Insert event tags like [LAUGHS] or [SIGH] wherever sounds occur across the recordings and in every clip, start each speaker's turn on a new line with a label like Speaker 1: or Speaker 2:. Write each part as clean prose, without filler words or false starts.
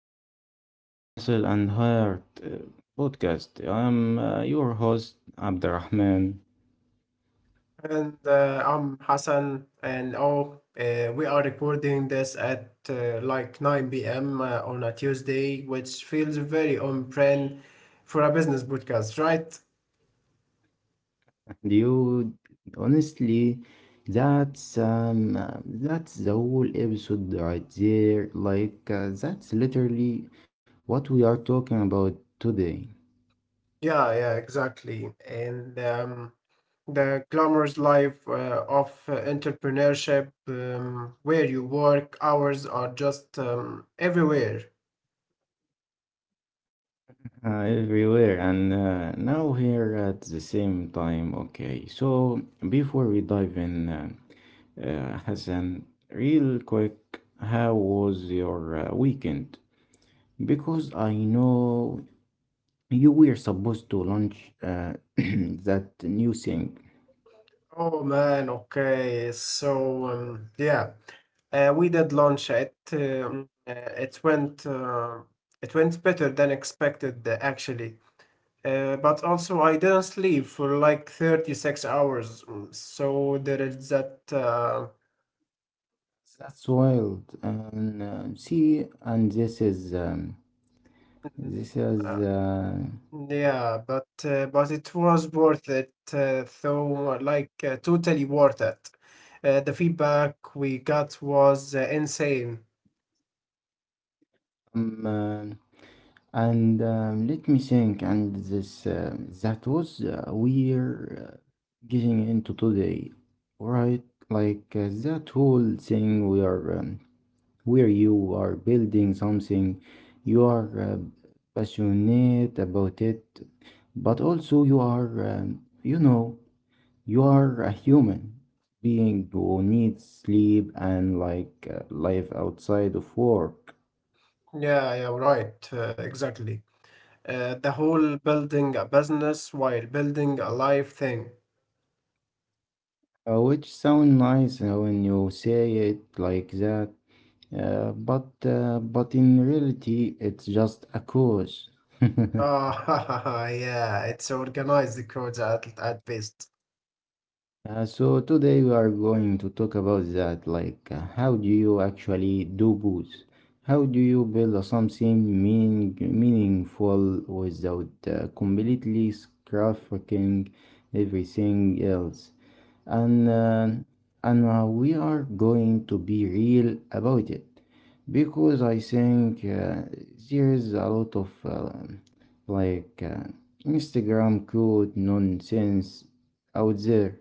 Speaker 1: welcome back to the Hustle and Heart podcast. I'm your host, Abdurrahman.
Speaker 2: And I'm Hassan, and we are recording this at 9 p.m. On a Tuesday, which feels very on brand for a business podcast, right?
Speaker 1: And you, honestly, that's that's the whole episode right there. Like, that's literally what we are talking about today.
Speaker 2: Yeah, yeah, exactly. And the glamorous life of entrepreneurship, where you work, hours are just everywhere.
Speaker 1: Everywhere and now here at the same time. Okay, so before we dive in, Hassan, real quick, how was your weekend? Because I know you were supposed to launch [CLEARS THROAT] that new thing.
Speaker 2: Oh man, okay. So we did launch it. It went better than expected, actually. But also, I didn't sleep for like 36 hours, so there is that.
Speaker 1: That's wild. And see, and
Speaker 2: Mm,
Speaker 1: this is
Speaker 2: uh, yeah, but it was worth it. Totally worth it. The feedback we got was insane.
Speaker 1: um, uh, and let me think. And this that was we're getting into today, right? Like that whole thing we are. Where you are building something, you are passionate about it, but also you are, you know, you are a human being who needs sleep and like life outside of work,
Speaker 2: Yeah, yeah, right. Exactly. The whole building a business while building a life thing.
Speaker 1: which sound nice when you say it like that, but but in reality, it's just a cause. [LAUGHS]
Speaker 2: Oh, [LAUGHS] yeah, it's organized codes at best.
Speaker 1: So today we are going to talk about that, like how do you actually do both? How do you build something meaningful without completely scrapping everything else? And uh, and we are going to be real about it because I think there is a lot of like uh, Instagram code nonsense out there.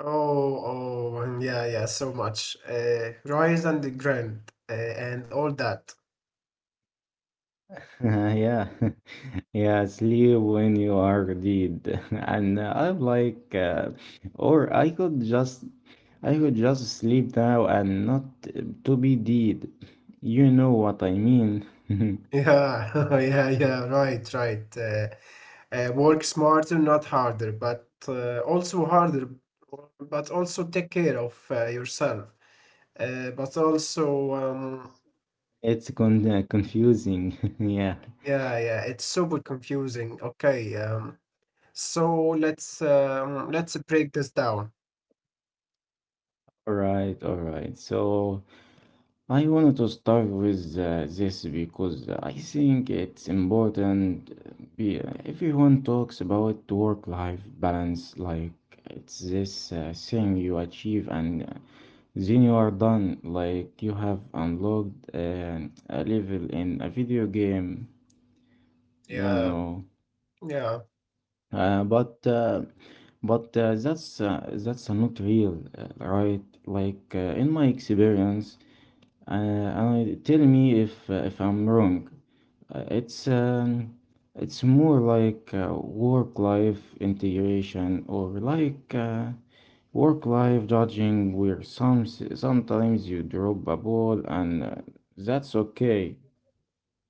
Speaker 2: Oh, oh, yeah, yeah, so much. Rise and the grand and all that.
Speaker 1: [LAUGHS] Yeah, [LAUGHS] yeah, sleep when you are dead, [LAUGHS] and I'm like, or I could just sleep now and not to be dead. You know what I mean? [LAUGHS]
Speaker 2: Yeah, [LAUGHS] yeah, yeah, right, right. Work smarter, not harder, but also harder, but also take care of yourself. Uh, but also, um,
Speaker 1: It's confusing. [LAUGHS] Yeah.
Speaker 2: Yeah, yeah, it's super confusing. Okay, so let's break this down.
Speaker 1: All right, all right. So, I wanted to start with this because I think it's important. Everyone talks about work-life balance, like it's this thing you achieve and then you are done, like you have unlocked a level in a video game, you
Speaker 2: Yeah,
Speaker 1: know.
Speaker 2: yeah.
Speaker 1: Uh, but uh, but that's not real, right? Like in my experience. And tell me if I'm wrong. Uh, it's um, it's more like work-life integration or like work-life judging, where sometimes you drop a ball and that's okay.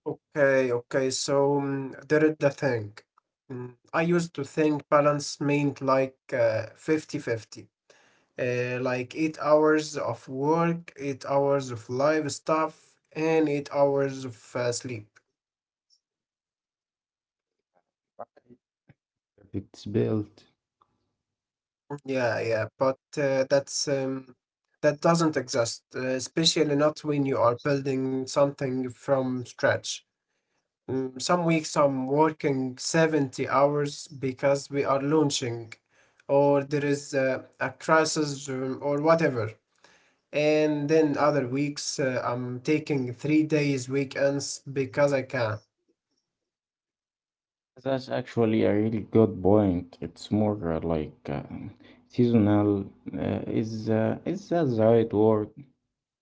Speaker 2: Okay, okay. So there is the thing. I used to think balance meant like 50 fifty, 8 hours of work, 8 hours of live stuff, and 8 hours of sleep.
Speaker 1: It's built.
Speaker 2: Yeah, yeah, but that doesn't exist, especially not when you are building something from scratch. Some weeks I'm working 70 hours because we are launching, or there is a crisis or whatever. And then other weeks I'm taking 3 days weekends because I can.
Speaker 1: That's actually a really good point. It's more seasonal. Is is that the right word?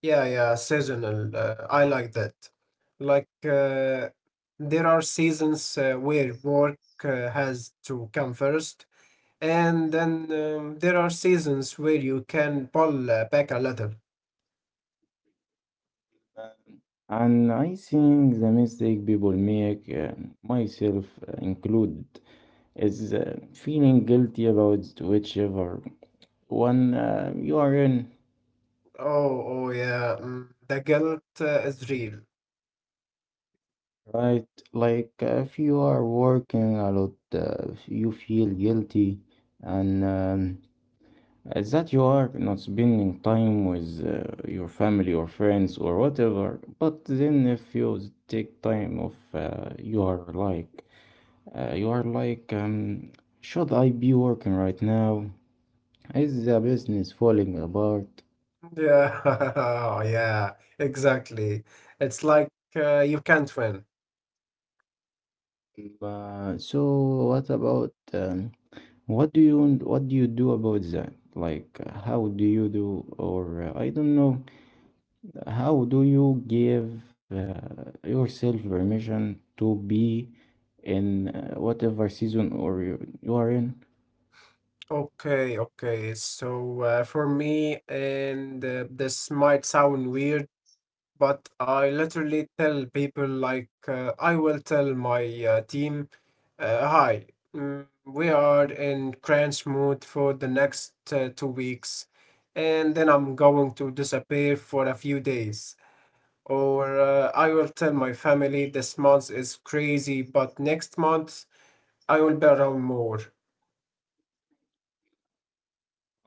Speaker 2: Yeah, yeah, seasonal. I like that. Like, uh, there are seasons where work has to come first, and then there are seasons where you can pull back a little.
Speaker 1: And I think the mistake people make, myself included, is feeling guilty about whichever one you are in,
Speaker 2: Oh, oh, yeah, the guilt is real.
Speaker 1: right? Like if you are working a lot, you feel guilty, and that you are not spending time with your family or friends or whatever. But then if you take time off, you are like, should I be working right now? Is the business falling apart?
Speaker 2: Yeah, [LAUGHS] yeah, exactly. It's like you can't win.
Speaker 1: But so what about what do you do about that? Like how do you do or I don't know, how do you give yourself permission to be in whatever season you are in.
Speaker 2: Okay, okay. So for me, and this might sound weird, but I literally tell people like I will tell my team, "Hi, we are in crunch mode for the next 2 weeks, and then I'm going to disappear for a few days." Or I will tell my family this month is crazy, but next month I will be around more.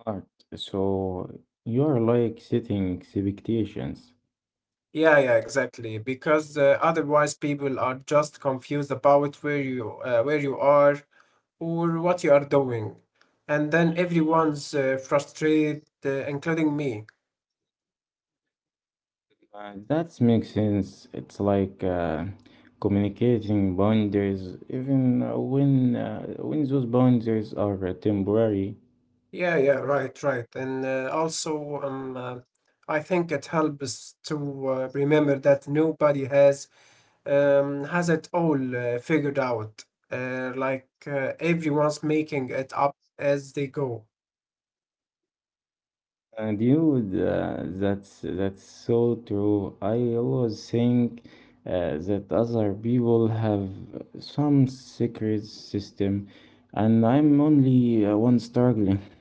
Speaker 1: Art. So you are like setting expectations.
Speaker 2: Yeah, yeah, exactly. Because otherwise, people are just confused about where you where you are or what you are doing, and then everyone's frustrated, including me.
Speaker 1: That makes sense. It's like communicating boundaries, even when those boundaries are temporary.
Speaker 2: Yeah, yeah, right, right. And I think it helps to remember that nobody has it all figured out. Everyone's making it up as they go.
Speaker 1: And you, that's so true. I always think that other people have some secret system, and I'm only one struggling. [LAUGHS]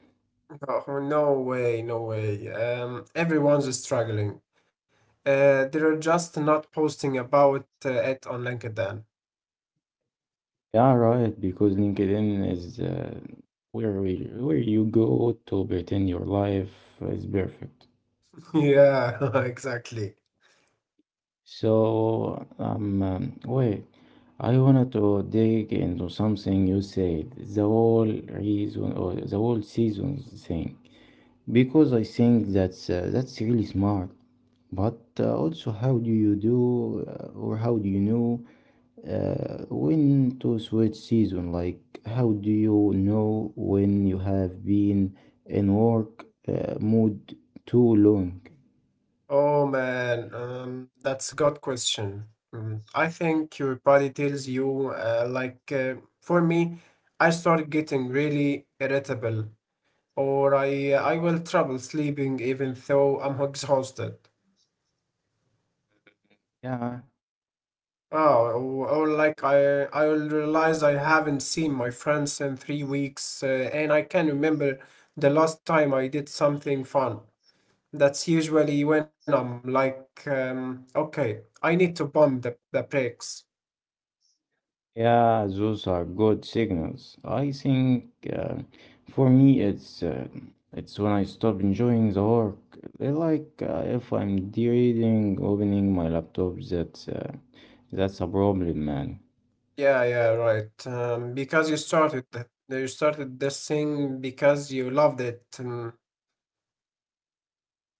Speaker 2: Oh, no way, no way. Everyone's struggling. They're just not posting about it on LinkedIn. [LAUGHS]
Speaker 1: Yeah, right. Because LinkedIn is where you go to pretend your life is perfect.
Speaker 2: Yeah, [LAUGHS] exactly.
Speaker 1: So, wait, I wanted to dig into something you said, the whole reason or the whole seasons thing, because I think that's really smart. But also, how do you, or how do you know when to switch season? Like, how do you know when you have been in work mood too long?
Speaker 2: Oh man, that's a good question. I think your body tells you, for me, I start getting really irritable, or I will trouble sleeping even though I'm exhausted.
Speaker 1: Yeah.
Speaker 2: Oh, or like I will realize I haven't seen my friends in 3 weeks, and I can remember the last time I did something fun. That's usually when I'm like, okay, I need to pump the brakes.
Speaker 1: Yeah, those are good signals. I think for me, it's when I stop enjoying the work. They Like if I'm reading, opening my laptop, that's a problem, man.
Speaker 2: Yeah, yeah, right. Because you started that, you started this thing because you loved it.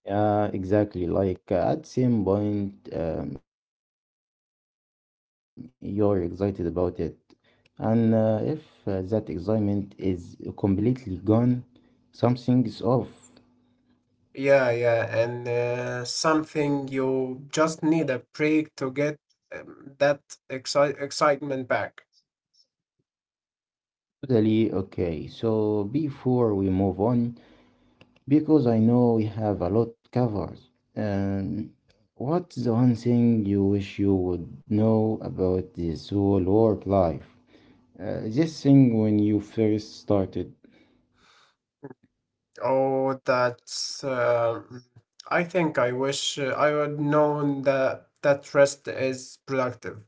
Speaker 1: Yeah, exactly. Like at same point, you're excited about it, and if that excitement is completely gone, something's off.
Speaker 2: Yeah, yeah, and something you just need a break to get that excitement back.
Speaker 1: Totally okay. So before we move on, because I know we have a lot covered, um, what's the one thing you wish you would know about the soul work life? This thing when you first started,
Speaker 2: Oh, that's. Uh, mm, I think I wish I would known that rest is productive.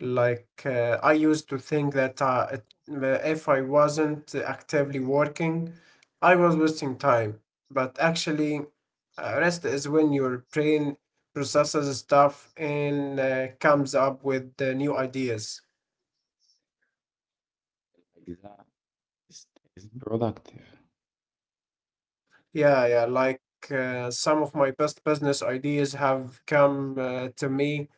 Speaker 2: I used to think that uh, if I wasn't actively working, I was wasting time. But actually, rest is when your brain processes stuff and comes up with the new ideas.
Speaker 1: like that is, is productive.
Speaker 2: Yeah, yeah. Some of my best business ideas have come to me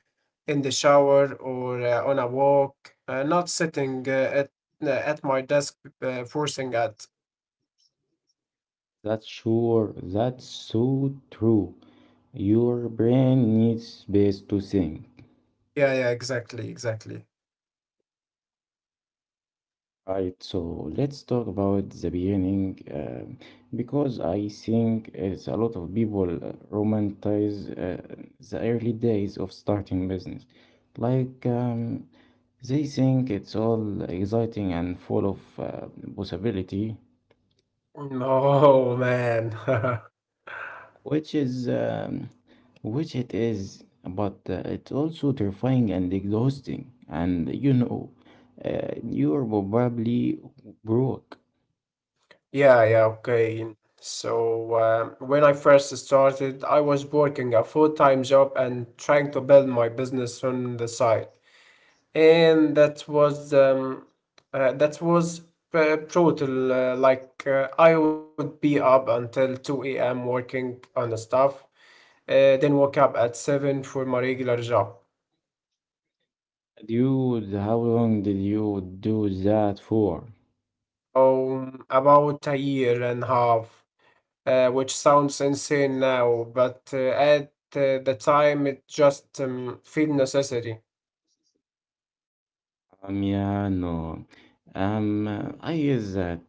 Speaker 2: in the shower or on a walk, not sitting at my desk forcing at.
Speaker 1: That's sure. That's so true. Your brain needs space to think.
Speaker 2: Yeah, yeah. Exactly, exactly.
Speaker 1: Right, so let's talk about the beginning, because I think it's a lot of people romanticize the early days of starting business. Like they think it's all exciting and full of possibility,
Speaker 2: Oh man. [LAUGHS]
Speaker 1: which is which it is, but it's also terrifying and exhausting. And you know, you're probably broke.
Speaker 2: Yeah, yeah, okay. So when I first started, I was working a full-time job and trying to build my business on the side. And that was brutal. I would be up until 2 a.m. working on the stuff, then woke up at 7 for my regular job.
Speaker 1: Dude, how long did you do that for?
Speaker 2: About a year and a half, which sounds insane now, but at the time it just felt necessary.
Speaker 1: Yeah, no. I is that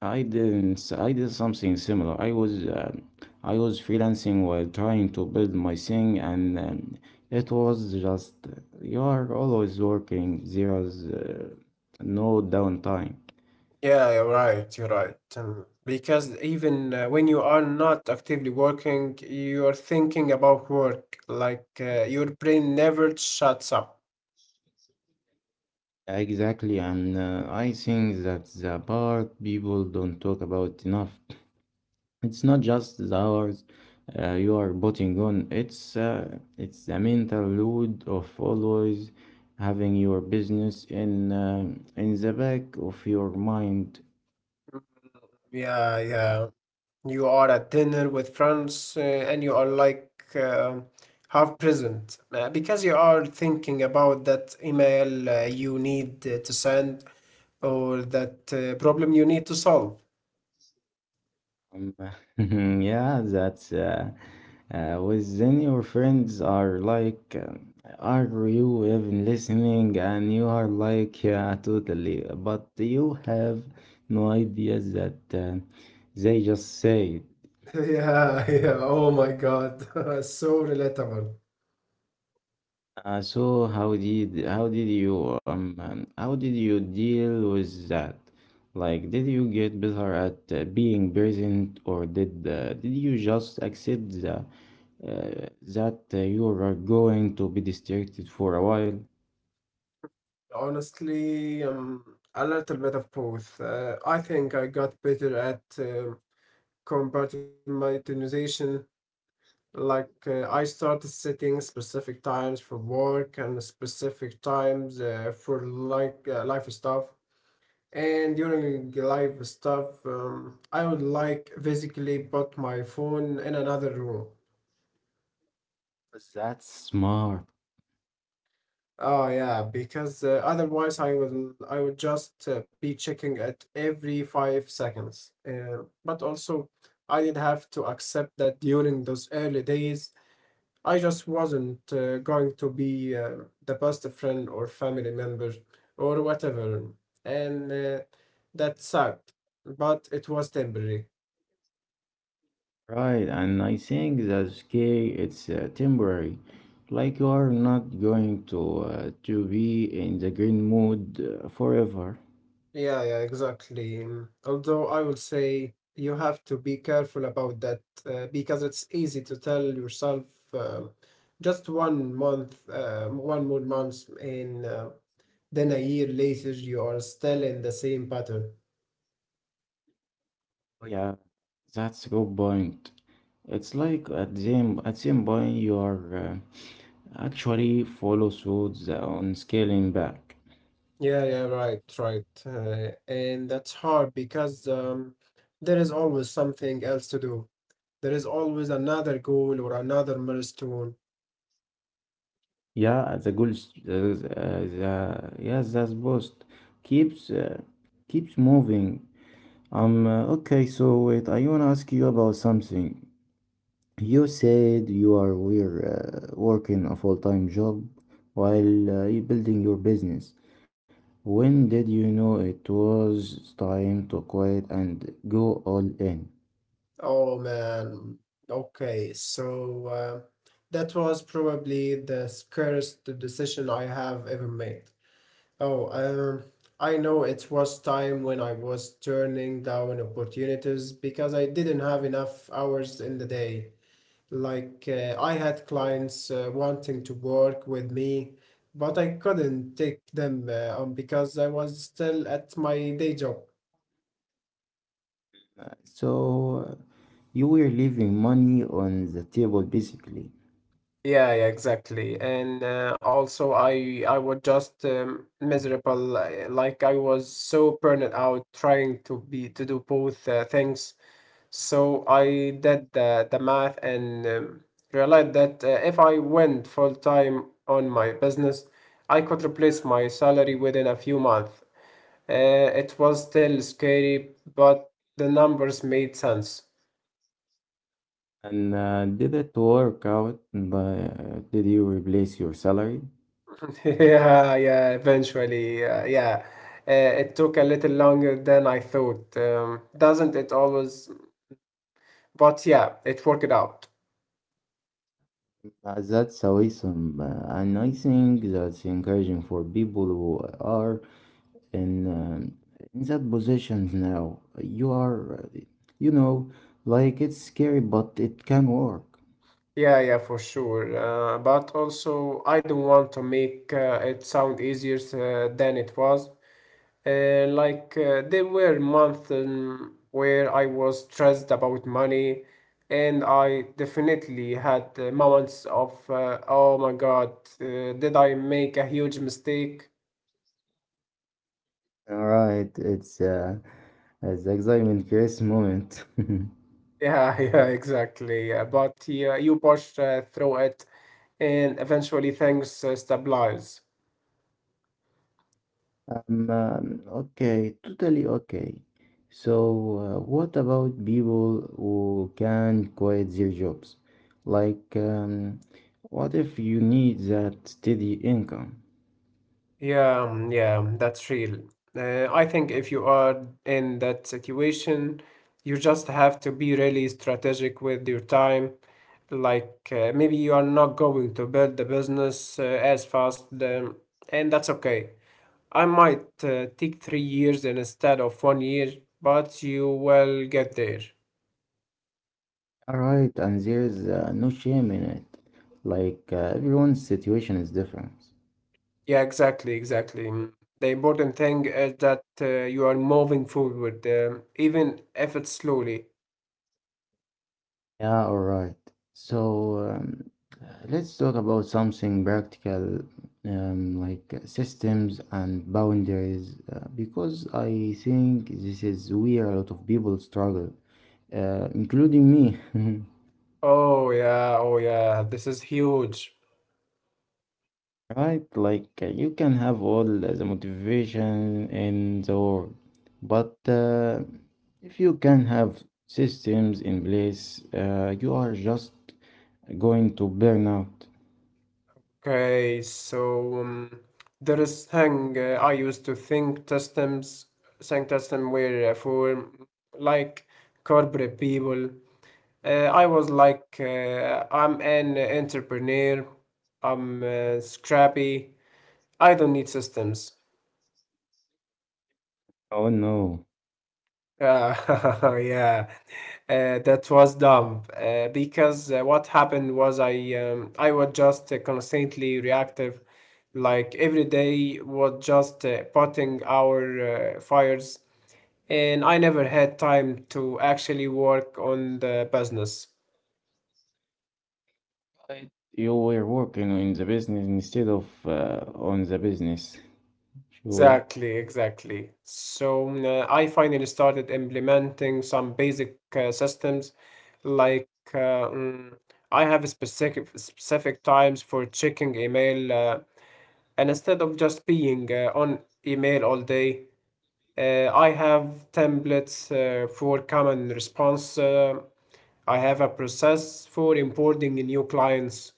Speaker 1: I didn't. I did something similar. I was freelancing while trying to build my thing, and it was just you are always working. There's no downtime.
Speaker 2: Yeah, you're right. You're right. Because even when you are not actively working, you are thinking about work. Your brain never shuts up.
Speaker 1: Exactly, and I think that's the part people don't talk about enough. It's not just the hours you are putting on, it's the mental load of always having your business in the back of your mind.
Speaker 2: Yeah, yeah. You are at dinner with friends and you are like half present because you are thinking about that email you need to send or that problem you need to solve.
Speaker 1: [LAUGHS] Yeah, that's with then your friends are like are you even listening and you are like yeah totally but you have no idea that they just say it.
Speaker 2: [LAUGHS] Yeah, yeah. Oh my God. [LAUGHS] So relatable.
Speaker 1: So how did you deal with that? Like, did you get better at being present, or did you just accept that you are going to be distracted for a while?
Speaker 2: Honestly, a little bit of both. I think I got better at compartmentalization. I started setting specific times for work and specific times for life stuff. And during life stuff, I would like basically put my phone in another room.
Speaker 1: That's smart,
Speaker 2: Oh yeah, because otherwise I would just be checking it every 5 seconds. But also, I did have to accept that during those early days, I just wasn't going to be the best friend or family member or whatever, and that sucked. But it was temporary.
Speaker 1: right? And I think that's okay. It's temporary. Like you are not going to be in the green mood forever.
Speaker 2: Yeah, yeah, exactly. Although I will say you have to be careful about that because it's easy to tell yourself um just one month, one more month, and then a year later you are still in the same pattern.
Speaker 1: Oh, yeah, that's a good point. It's like at same point you are actually follow suits on scaling back.
Speaker 2: Yeah, yeah, right, right. And that's hard because there is always something else to do. There is always another goal or another milestone.
Speaker 1: Yeah, the goal, the yeah, that's boost keeps keeps moving. Okay, so wait, I wanna ask you about something. You said you are we're working a full-time job while you building your business. When did you know it was time to quit and go all in?
Speaker 2: Oh man. Okay, so that was probably the scariest decision I have ever made. Oh, um, I know it was time when I was turning down opportunities because I didn't have enough hours in the day. I had clients wanting to work with me, but I couldn't take them on because I was still at my day job.
Speaker 1: So you were leaving money on the table basically.
Speaker 2: Yeah, yeah, exactly. And also, I was just miserable. Like I was so burned out trying to be to do both things. So I did the math and realized that if I went full time on my business, I could replace my salary within a few months. Uh, it was still scary, but the numbers made sense.
Speaker 1: And did it work out? But did you replace your salary?
Speaker 2: [LAUGHS] Yeah, yeah, eventually, yeah. It took a little longer than I thought. Doesn't it always? But yeah, it worked out.
Speaker 1: That's awesome, and I think that's encouraging for people who are in um, in that position now. You are, you know, like it's scary, but it can work.
Speaker 2: Yeah, yeah, for sure. But also, I don't want to make it sound easier than it was. There were months where I was stressed about money, and I definitely had moments of, oh my God, did I make a huge mistake?
Speaker 1: All right, it's excitement, Chris moment. [LAUGHS]
Speaker 2: Yeah, [LAUGHS] yeah, exactly. But yeah, you push through it, and eventually things stabilize.
Speaker 1: Okay, totally okay. So, what about people who can quit their jobs? Like, what if you need that steady income?
Speaker 2: Yeah, yeah, that's real. I think if you are in that situation, you just have to be really strategic with your time. Maybe you are not going to build the business as fast, and that's okay. I might take 3 years instead of one year, but you will get there.
Speaker 1: All right, and there's no shame in it. Like, everyone's situation is different.
Speaker 2: Yeah, exactly, exactly. Mm. The important thing is that you are moving forward, even if it's slowly.
Speaker 1: Yeah, all right. So let's talk about something practical, like systems and boundaries, because I think this is where a lot of people struggle, including me. [LAUGHS]
Speaker 2: Oh, yeah, oh, yeah, this is huge.
Speaker 1: Right? Like you can have all the motivation in the world, but if you can have systems in place, you are just going to burn out.
Speaker 2: Okay, so there is thing I used to think system were for like corporate people. Uh, I was like, I'm an entrepreneur, I'm scrappy, I don't need systems.
Speaker 1: Oh no.
Speaker 2: Uh, [LAUGHS] yeah, That was dumb. Because what happened was I was just constantly reactive, like every day was just putting our fires, and I never had time to actually work on the business.
Speaker 1: But you were working in the business instead of on the business. Sure.
Speaker 2: Exactly, exactly. So I finally started implementing some basic systems like uh, mm, I have a specific times for checking email and instead of just being on email all day, I have templates for common response. I have a process for importing new clients.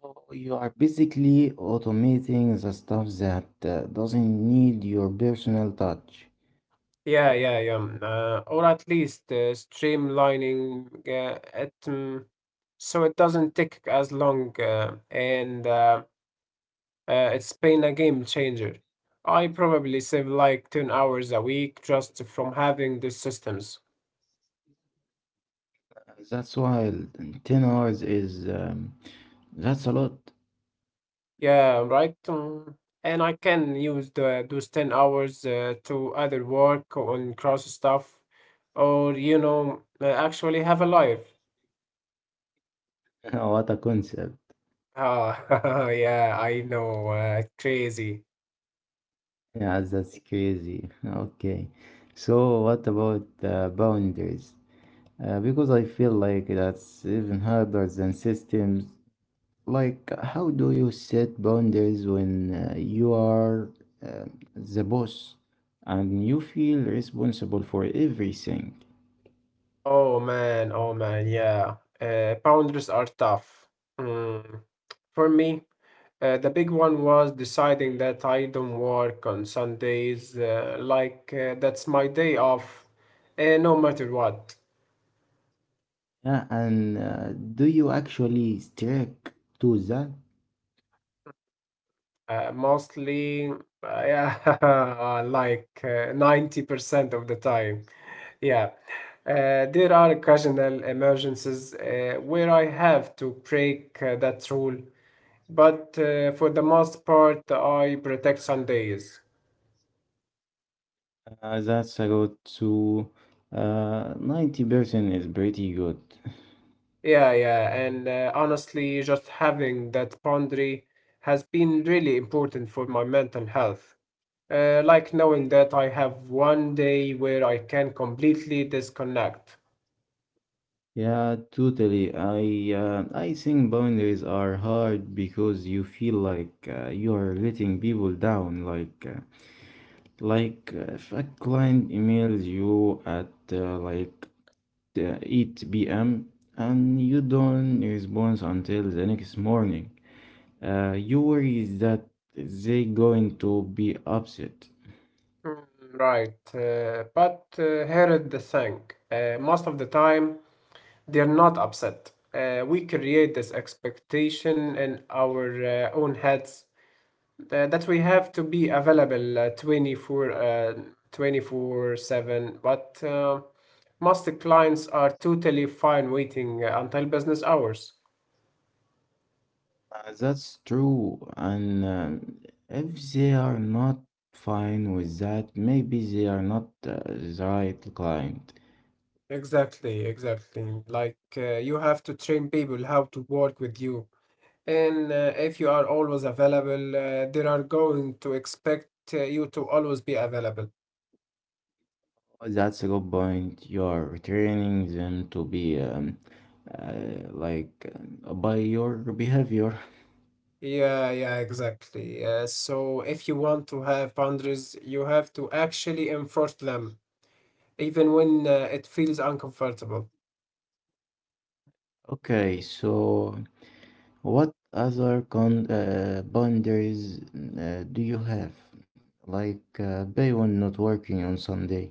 Speaker 1: So you are basically automating the stuff that doesn't need your personal touch.
Speaker 2: Yeah, yeah, yeah. Or at least streamlining it, so it doesn't take as long. And It's been a game changer. I probably save like 10 hours a week just from having the systems.
Speaker 1: That's wild. 10 hours is that's a lot.
Speaker 2: Yeah, right. And I can use those 10 hours to either work on cross stuff or, actually have a life.
Speaker 1: [LAUGHS] What a concept.
Speaker 2: Ah, [LAUGHS] yeah, I know. Crazy.
Speaker 1: Yeah, that's crazy. Okay. So what about boundaries? Because I feel like that's even harder than systems. Like, how do you set boundaries when you are uh, the boss and you feel responsible for everything?
Speaker 2: Oh man, yeah. Boundaries are tough. Mm. For me, the big one was deciding that I don't work on Sundays, like that's my day off, no matter what.
Speaker 1: Yeah, and do you actually stick to that?
Speaker 2: Mostly, yeah, [LAUGHS] like 90% of the time. Yeah. There are occasional emergencies where I have to break that rule. But for the most part, I protect Sundays.
Speaker 1: That's about to, 90% is pretty good.
Speaker 2: Yeah, yeah, and honestly, just having that boundary has been really important for my mental health. Like knowing that I have one day where I can completely disconnect.
Speaker 1: Yeah, totally. I think boundaries are hard because you feel like you are letting people down. Like, like if a client emails you at like 8 p.m. and you don't respond until the next morning, you worry that they going to be upset.
Speaker 2: Mm. Right, but here is the thing. Most of the time, they're not upset. We create this expectation in our own heads that we have to be available, 24/7, but most clients are totally fine waiting until business hours.
Speaker 1: That's true, and if they are not fine with that, maybe they are not the right client.
Speaker 2: Exactly, exactly, like you have to train people how to work with you, and if you are always available, they are going to expect you to always be available.
Speaker 1: Oh, that's a good point. You're returning them to be uh, like by your behavior.
Speaker 2: Yeah, yeah, exactly. So if you want to have boundaries, you have to actually enforce them, even when it feels uncomfortable.
Speaker 1: Okay, so what other con boundaries do you have? Like Bayon not working on Sunday.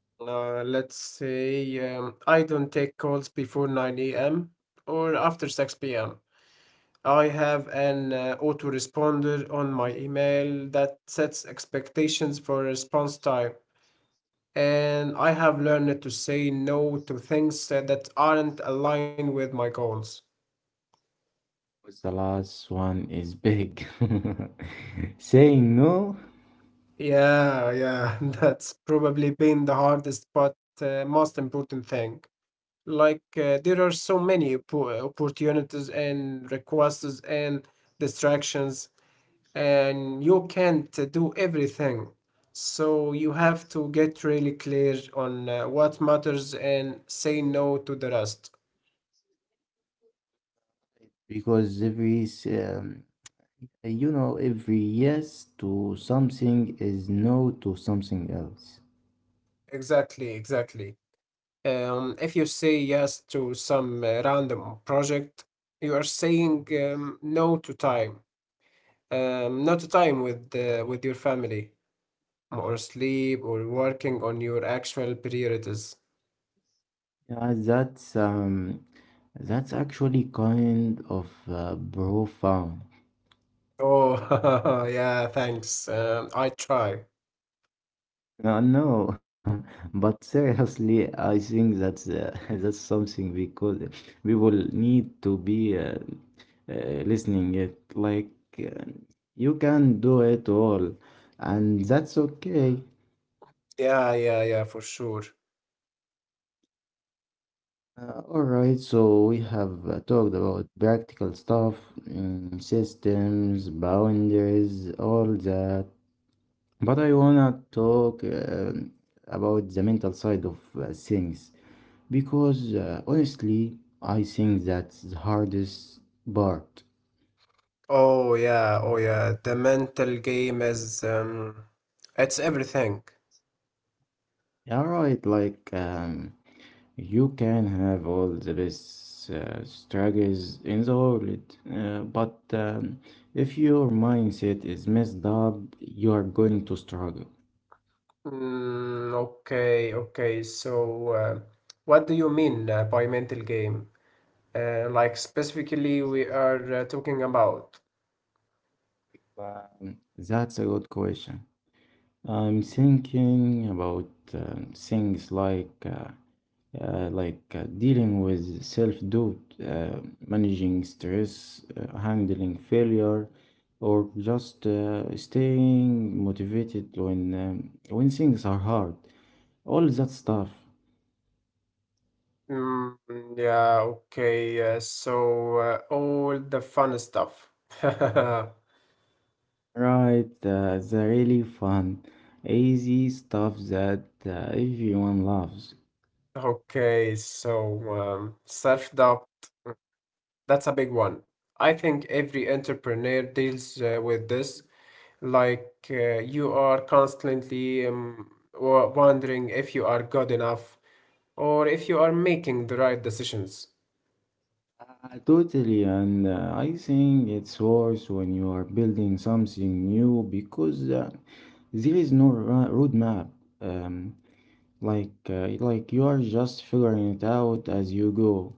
Speaker 2: Let's say I don't take calls before 9 a.m. or after 6 p.m. I have an autoresponder on my email that sets expectations for response time. And I have learned to say no to things that aren't aligned with my goals.
Speaker 1: The last one is big. [LAUGHS] Saying no,
Speaker 2: Yeah, yeah, [LAUGHS] that's probably been the hardest but most important thing. Like there are so many opportunities and requests and distractions, and you can't do everything, so you have to get really clear on what matters and say no to the rest.
Speaker 1: because you know every yes to something is no to something else.
Speaker 2: Exactly, exactly. If you say yes to some random project, you are saying no to time, not to time with with your family, or sleep, or working on your actual priorities.
Speaker 1: Yeah, that's actually kind of profound.
Speaker 2: Oh, [LAUGHS] yeah, thanks. I try.
Speaker 1: No. [LAUGHS] But seriously, I think that's [LAUGHS] that's something, because people need to be listening it, like uh, you can do it all and that's okay.
Speaker 2: Yeah, yeah, yeah, for sure.
Speaker 1: All right, so we have talked about practical stuff, systems, boundaries, all that. But I wanna talk about the mental side of things because honestly, I think that's the hardest part.
Speaker 2: Oh, yeah, oh, yeah. The mental game is, it's everything.
Speaker 1: All right, like you can have all the best strategies in the world, but if your mindset is messed up, you are going to struggle.
Speaker 2: Mm, okay, okay. So, what do you mean by mental game? Like specifically, we are talking about.
Speaker 1: That's a good question. I'm thinking about things like dealing with self-doubt, uh, managing stress, handling failure, or just staying motivated when things are hard. All that stuff,
Speaker 2: Mm, yeah, okay. So all the fun stuff. [LAUGHS]
Speaker 1: right? The really fun, easy stuff that everyone loves.
Speaker 2: Okay, so self-doubt, that's a big one. I think every entrepreneur deals with this. Like you are constantly wondering if you are good enough, or if you are making the right decisions.
Speaker 1: Totally, and I think it's worse when you are building something new because there is no roadmap. Um, like like you are just figuring it out as you go.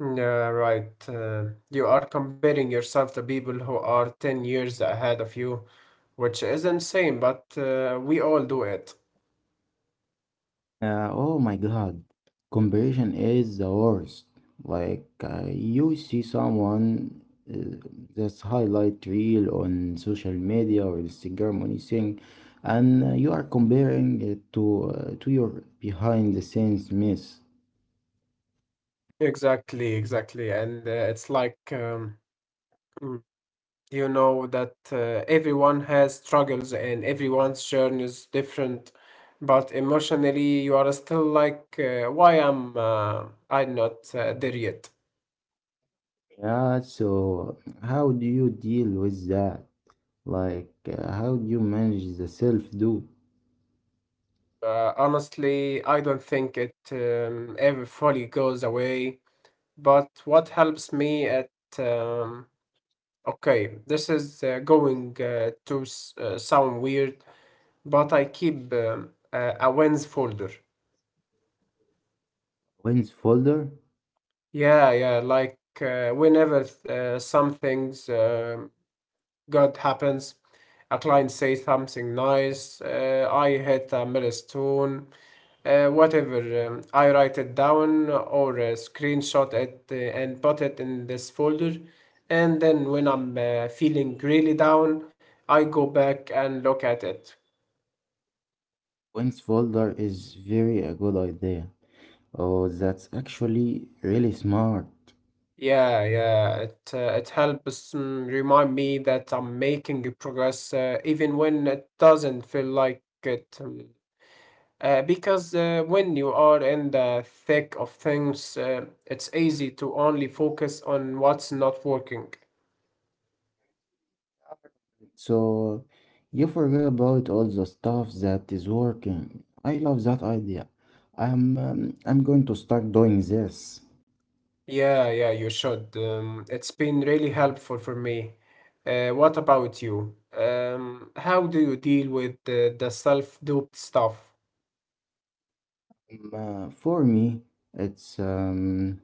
Speaker 2: Yeah, right. You are comparing yourself to people who are 10 years ahead of you, which is insane, but we all do it.
Speaker 1: Oh my god, comparison is the worst. Like, you see someone uh, that's highlight reel on social media or Instagram or anything, and you are comparing it to your behind the scenes mess.
Speaker 2: Exactly, exactly. And it's like, you know that everyone has struggles and everyone's journey is different, but emotionally you are still like, why am I not there yet?
Speaker 1: Yeah, so how do you deal with that? Like, how do you manage the self-doubt?
Speaker 2: Honestly, I don't think it ever fully goes away. But what helps me at um, okay, this is going to sound weird, but I keep a wins folder.
Speaker 1: Wins folder?
Speaker 2: Yeah, yeah. Like whenever something's good happens, a client says something nice, I hit a milestone, whatever. I write it down or screenshot it and put it in this folder. And then when I'm feeling really down, I go back and look at it.
Speaker 1: Wins folder is very a good idea. Oh, that's actually really smart.
Speaker 2: Yeah, yeah, it helps, remind me that I'm making a progress even when it doesn't feel like it. Because when you are in the thick of things, it's easy to only focus on what's not working.
Speaker 1: So you forget about all the stuff that is working. I love that idea. I'm going to start doing this.
Speaker 2: Yeah, yeah, you should. It's been really helpful for me. What about you? How do you deal with the self-doubt stuff?
Speaker 1: For me, it's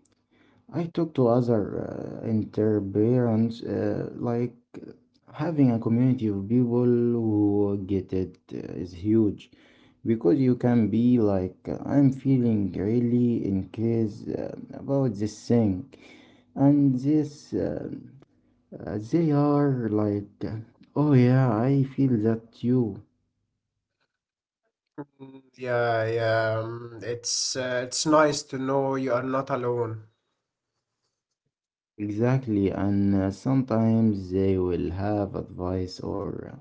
Speaker 1: I talk to other interparents, like having a community of people who get it is huge, because you can be like, I'm feeling really in case about this thing, and this they are like, oh yeah, I feel that too.
Speaker 2: Mm, yeah, yeah. It's nice to know you are not alone.
Speaker 1: Exactly, and sometimes they will have advice or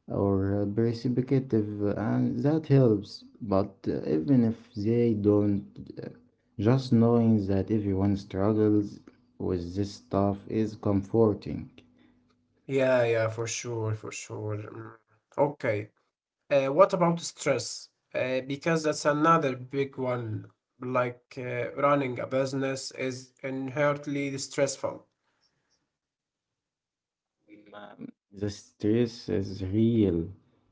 Speaker 1: or perspective, and that helps. But even if they don't, uh, just knowing that everyone struggles with this stuff is comforting.
Speaker 2: Yeah, yeah, for sure, for sure. Mm. Okay. What about stress? Because that's another big one. Like running a business is inherently stressful.
Speaker 1: Um, The stress is real.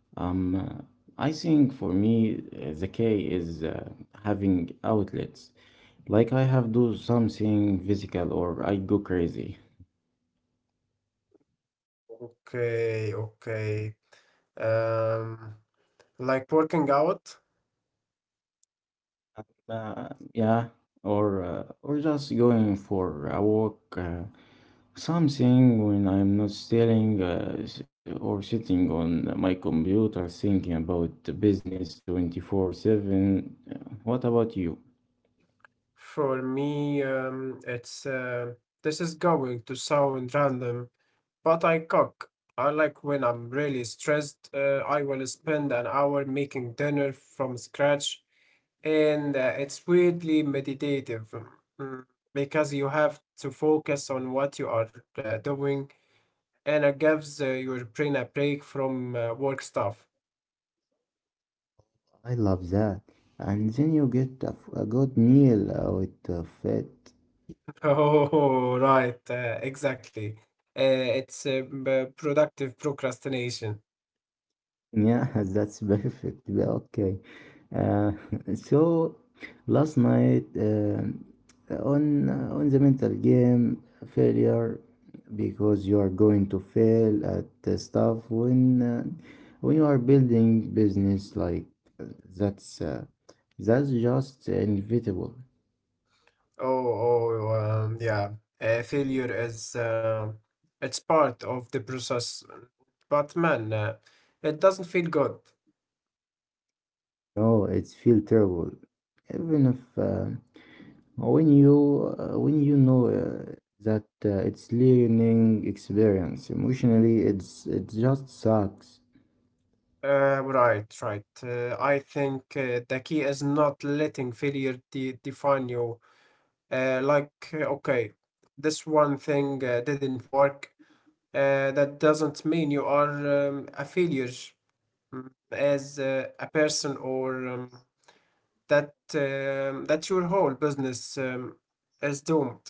Speaker 1: Um, uh, I think for me, the key is having outlets. Like I have do something physical or I go crazy.
Speaker 2: Okay, okay. Um, like working out.
Speaker 1: Uh, yeah, or just going for a walk, something when I'm not staring or sitting on my computer thinking about the business 24/7. What about you?
Speaker 2: For me, it's this is going to sound random, but I cook. I like when I'm really stressed. I will spend an hour making dinner from scratch, and it's weirdly meditative, mm, because you have to focus on what you are doing, and it gives your brain a break from work stuff.
Speaker 1: I love that. And then you get a good meal out of it.
Speaker 2: Oh, right, exactly. It's productive procrastination.
Speaker 1: Yeah, [LAUGHS] that's perfect. Yeah, okay. Uh, [LAUGHS] so last night on the mental game, failure, because you are going to fail at the stuff when you are building business, like uh, that's uh, that's just inevitable.
Speaker 2: Oh, oh, yeah. Failure is it's part of the process, but man, it doesn't feel good.
Speaker 1: No, it feel terrible. Even if when you when you know that it's learning experience emotionally, it just sucks.
Speaker 2: Right, right. I think the key is not letting failure de define you. Like, okay, this one thing didn't work. That doesn't mean you are a failure, as a person, or that your whole business is doomed.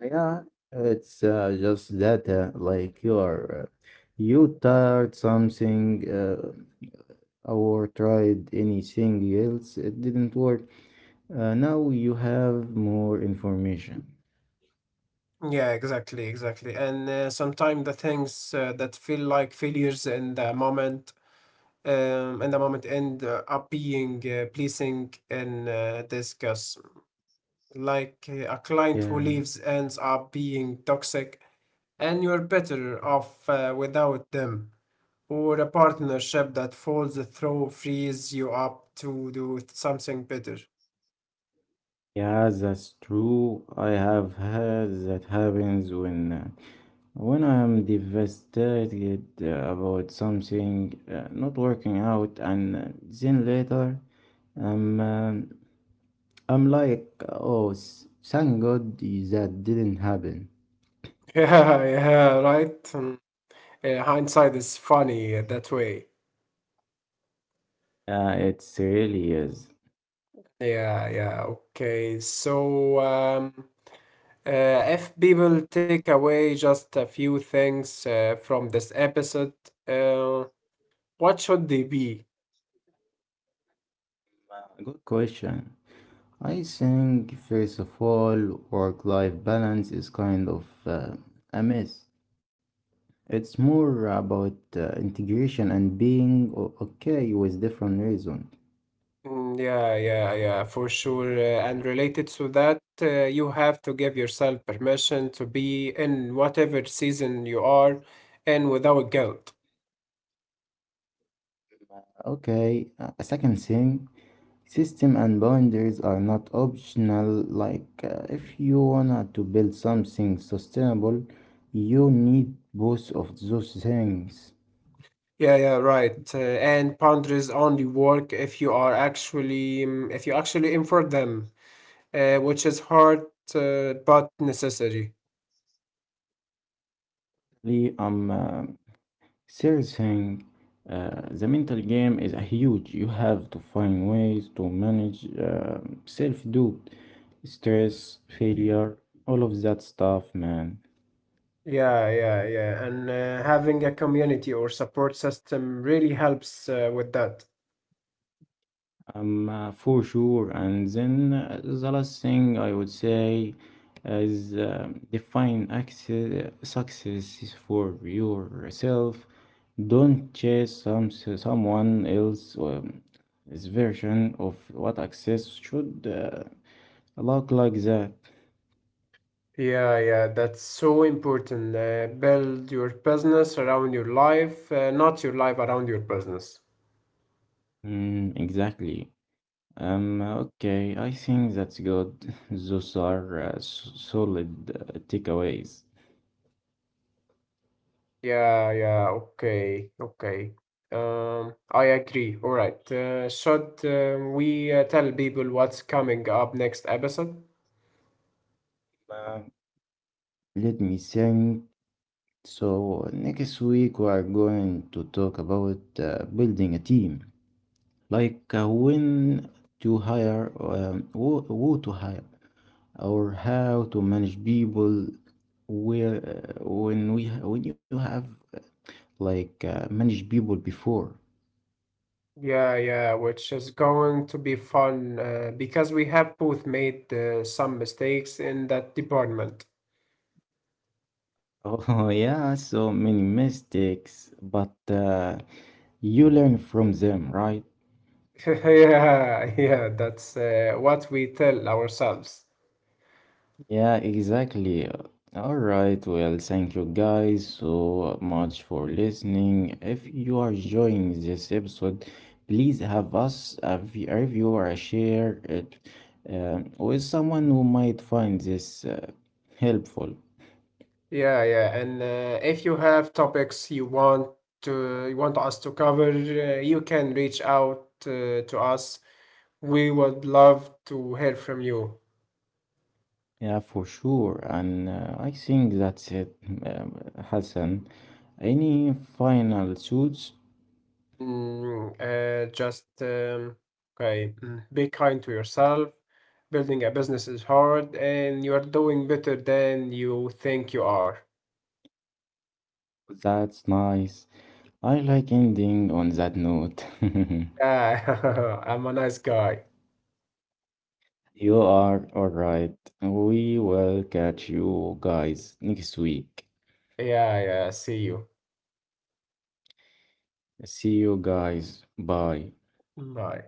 Speaker 1: Yeah, it's just that like you are you tried something or tried anything else, it didn't work. Now you have more information.
Speaker 2: Yeah, exactly, exactly. And sometimes the things that feel like failures in the moment, end up being pleasing and disgust. Like a client who
Speaker 1: Yeah.
Speaker 2: leaves ends up being toxic, and you're better off without them. Or a partnership that falls through frees you up to do something better.
Speaker 1: Yeah, that's true. I have heard that happens when I am devastated about something not working out, and then later I'm um, I'm like, oh, thank God that didn't happen.
Speaker 2: [LAUGHS] Yeah, yeah, right. Yeah, hindsight is funny that way.
Speaker 1: It really is.
Speaker 2: Yeah, yeah, okay. So, uh, if people take away just a few things from this episode, uh, what should they be?
Speaker 1: Good question. I think first of all, work-life balance is kind of a mess. It's more about integration and being okay with different reasons.
Speaker 2: Mm, yeah, yeah, yeah, for sure. And related to that, you have to give yourself permission to be in whatever season you are in without guilt.
Speaker 1: Okay, a second thing, system and boundaries are not optional. Like, if you wanna to build something sustainable, you need both of those things.
Speaker 2: Yeah, yeah, right. And boundaries only work if you actually enforce them, which is hard but necessary.
Speaker 1: Really, I'm Third, the mental game is a huge. You have to find ways to manage self-doubt, stress, failure, all of that stuff, man.
Speaker 2: Yeah, yeah, yeah. And having a community or support system really helps with that.
Speaker 1: For sure. And then the last thing I would say is define access, success for yourself. Don't chase someone else his version of what access should. Uh, A lot like that.
Speaker 2: Yeah, yeah, that's so important. Build your business around your life, not your life around your business.
Speaker 1: Mm, exactly. Okay, I think that's good. [LAUGHS] Those are solid takeaways.
Speaker 2: Yeah, yeah, okay, okay. I agree. All right. Should we tell people what's coming up next episode?
Speaker 1: Uh, Let me think. So, next week we are going to talk about building a team, like when to hire, who to hire, or how to manage people. Where when we when you have uh, like managed people before.
Speaker 2: Yeah, yeah, which is going to be fun because we have both made some mistakes in that department. [LAUGHS]
Speaker 1: Oh, [LAUGHS] yeah, so many mistakes, but you learn from them, right?
Speaker 2: Yeah, yeah, that's what we tell ourselves.
Speaker 1: Yeah, exactly. All right, well, thank you guys so much for listening. If you are enjoying this episode, please have us a review or a share it with someone who might find this helpful.
Speaker 2: Yeah, yeah, and if you have topics you want us to cover, you can reach out to us. We would love to hear from you.
Speaker 1: Yeah, for sure. And I think that's it, um, Hassan. Any final thoughts?
Speaker 2: Mm. Just okay, be kind to yourself. Building a business is hard, and you are doing better than you think you are.
Speaker 1: That's nice. I like ending on that note. [LAUGHS]
Speaker 2: Yeah, [LAUGHS] I'm a nice guy.
Speaker 1: You are all right. We will catch you guys next week.
Speaker 2: Yeah, yeah, see you.
Speaker 1: See you guys. Bye.
Speaker 2: Bye.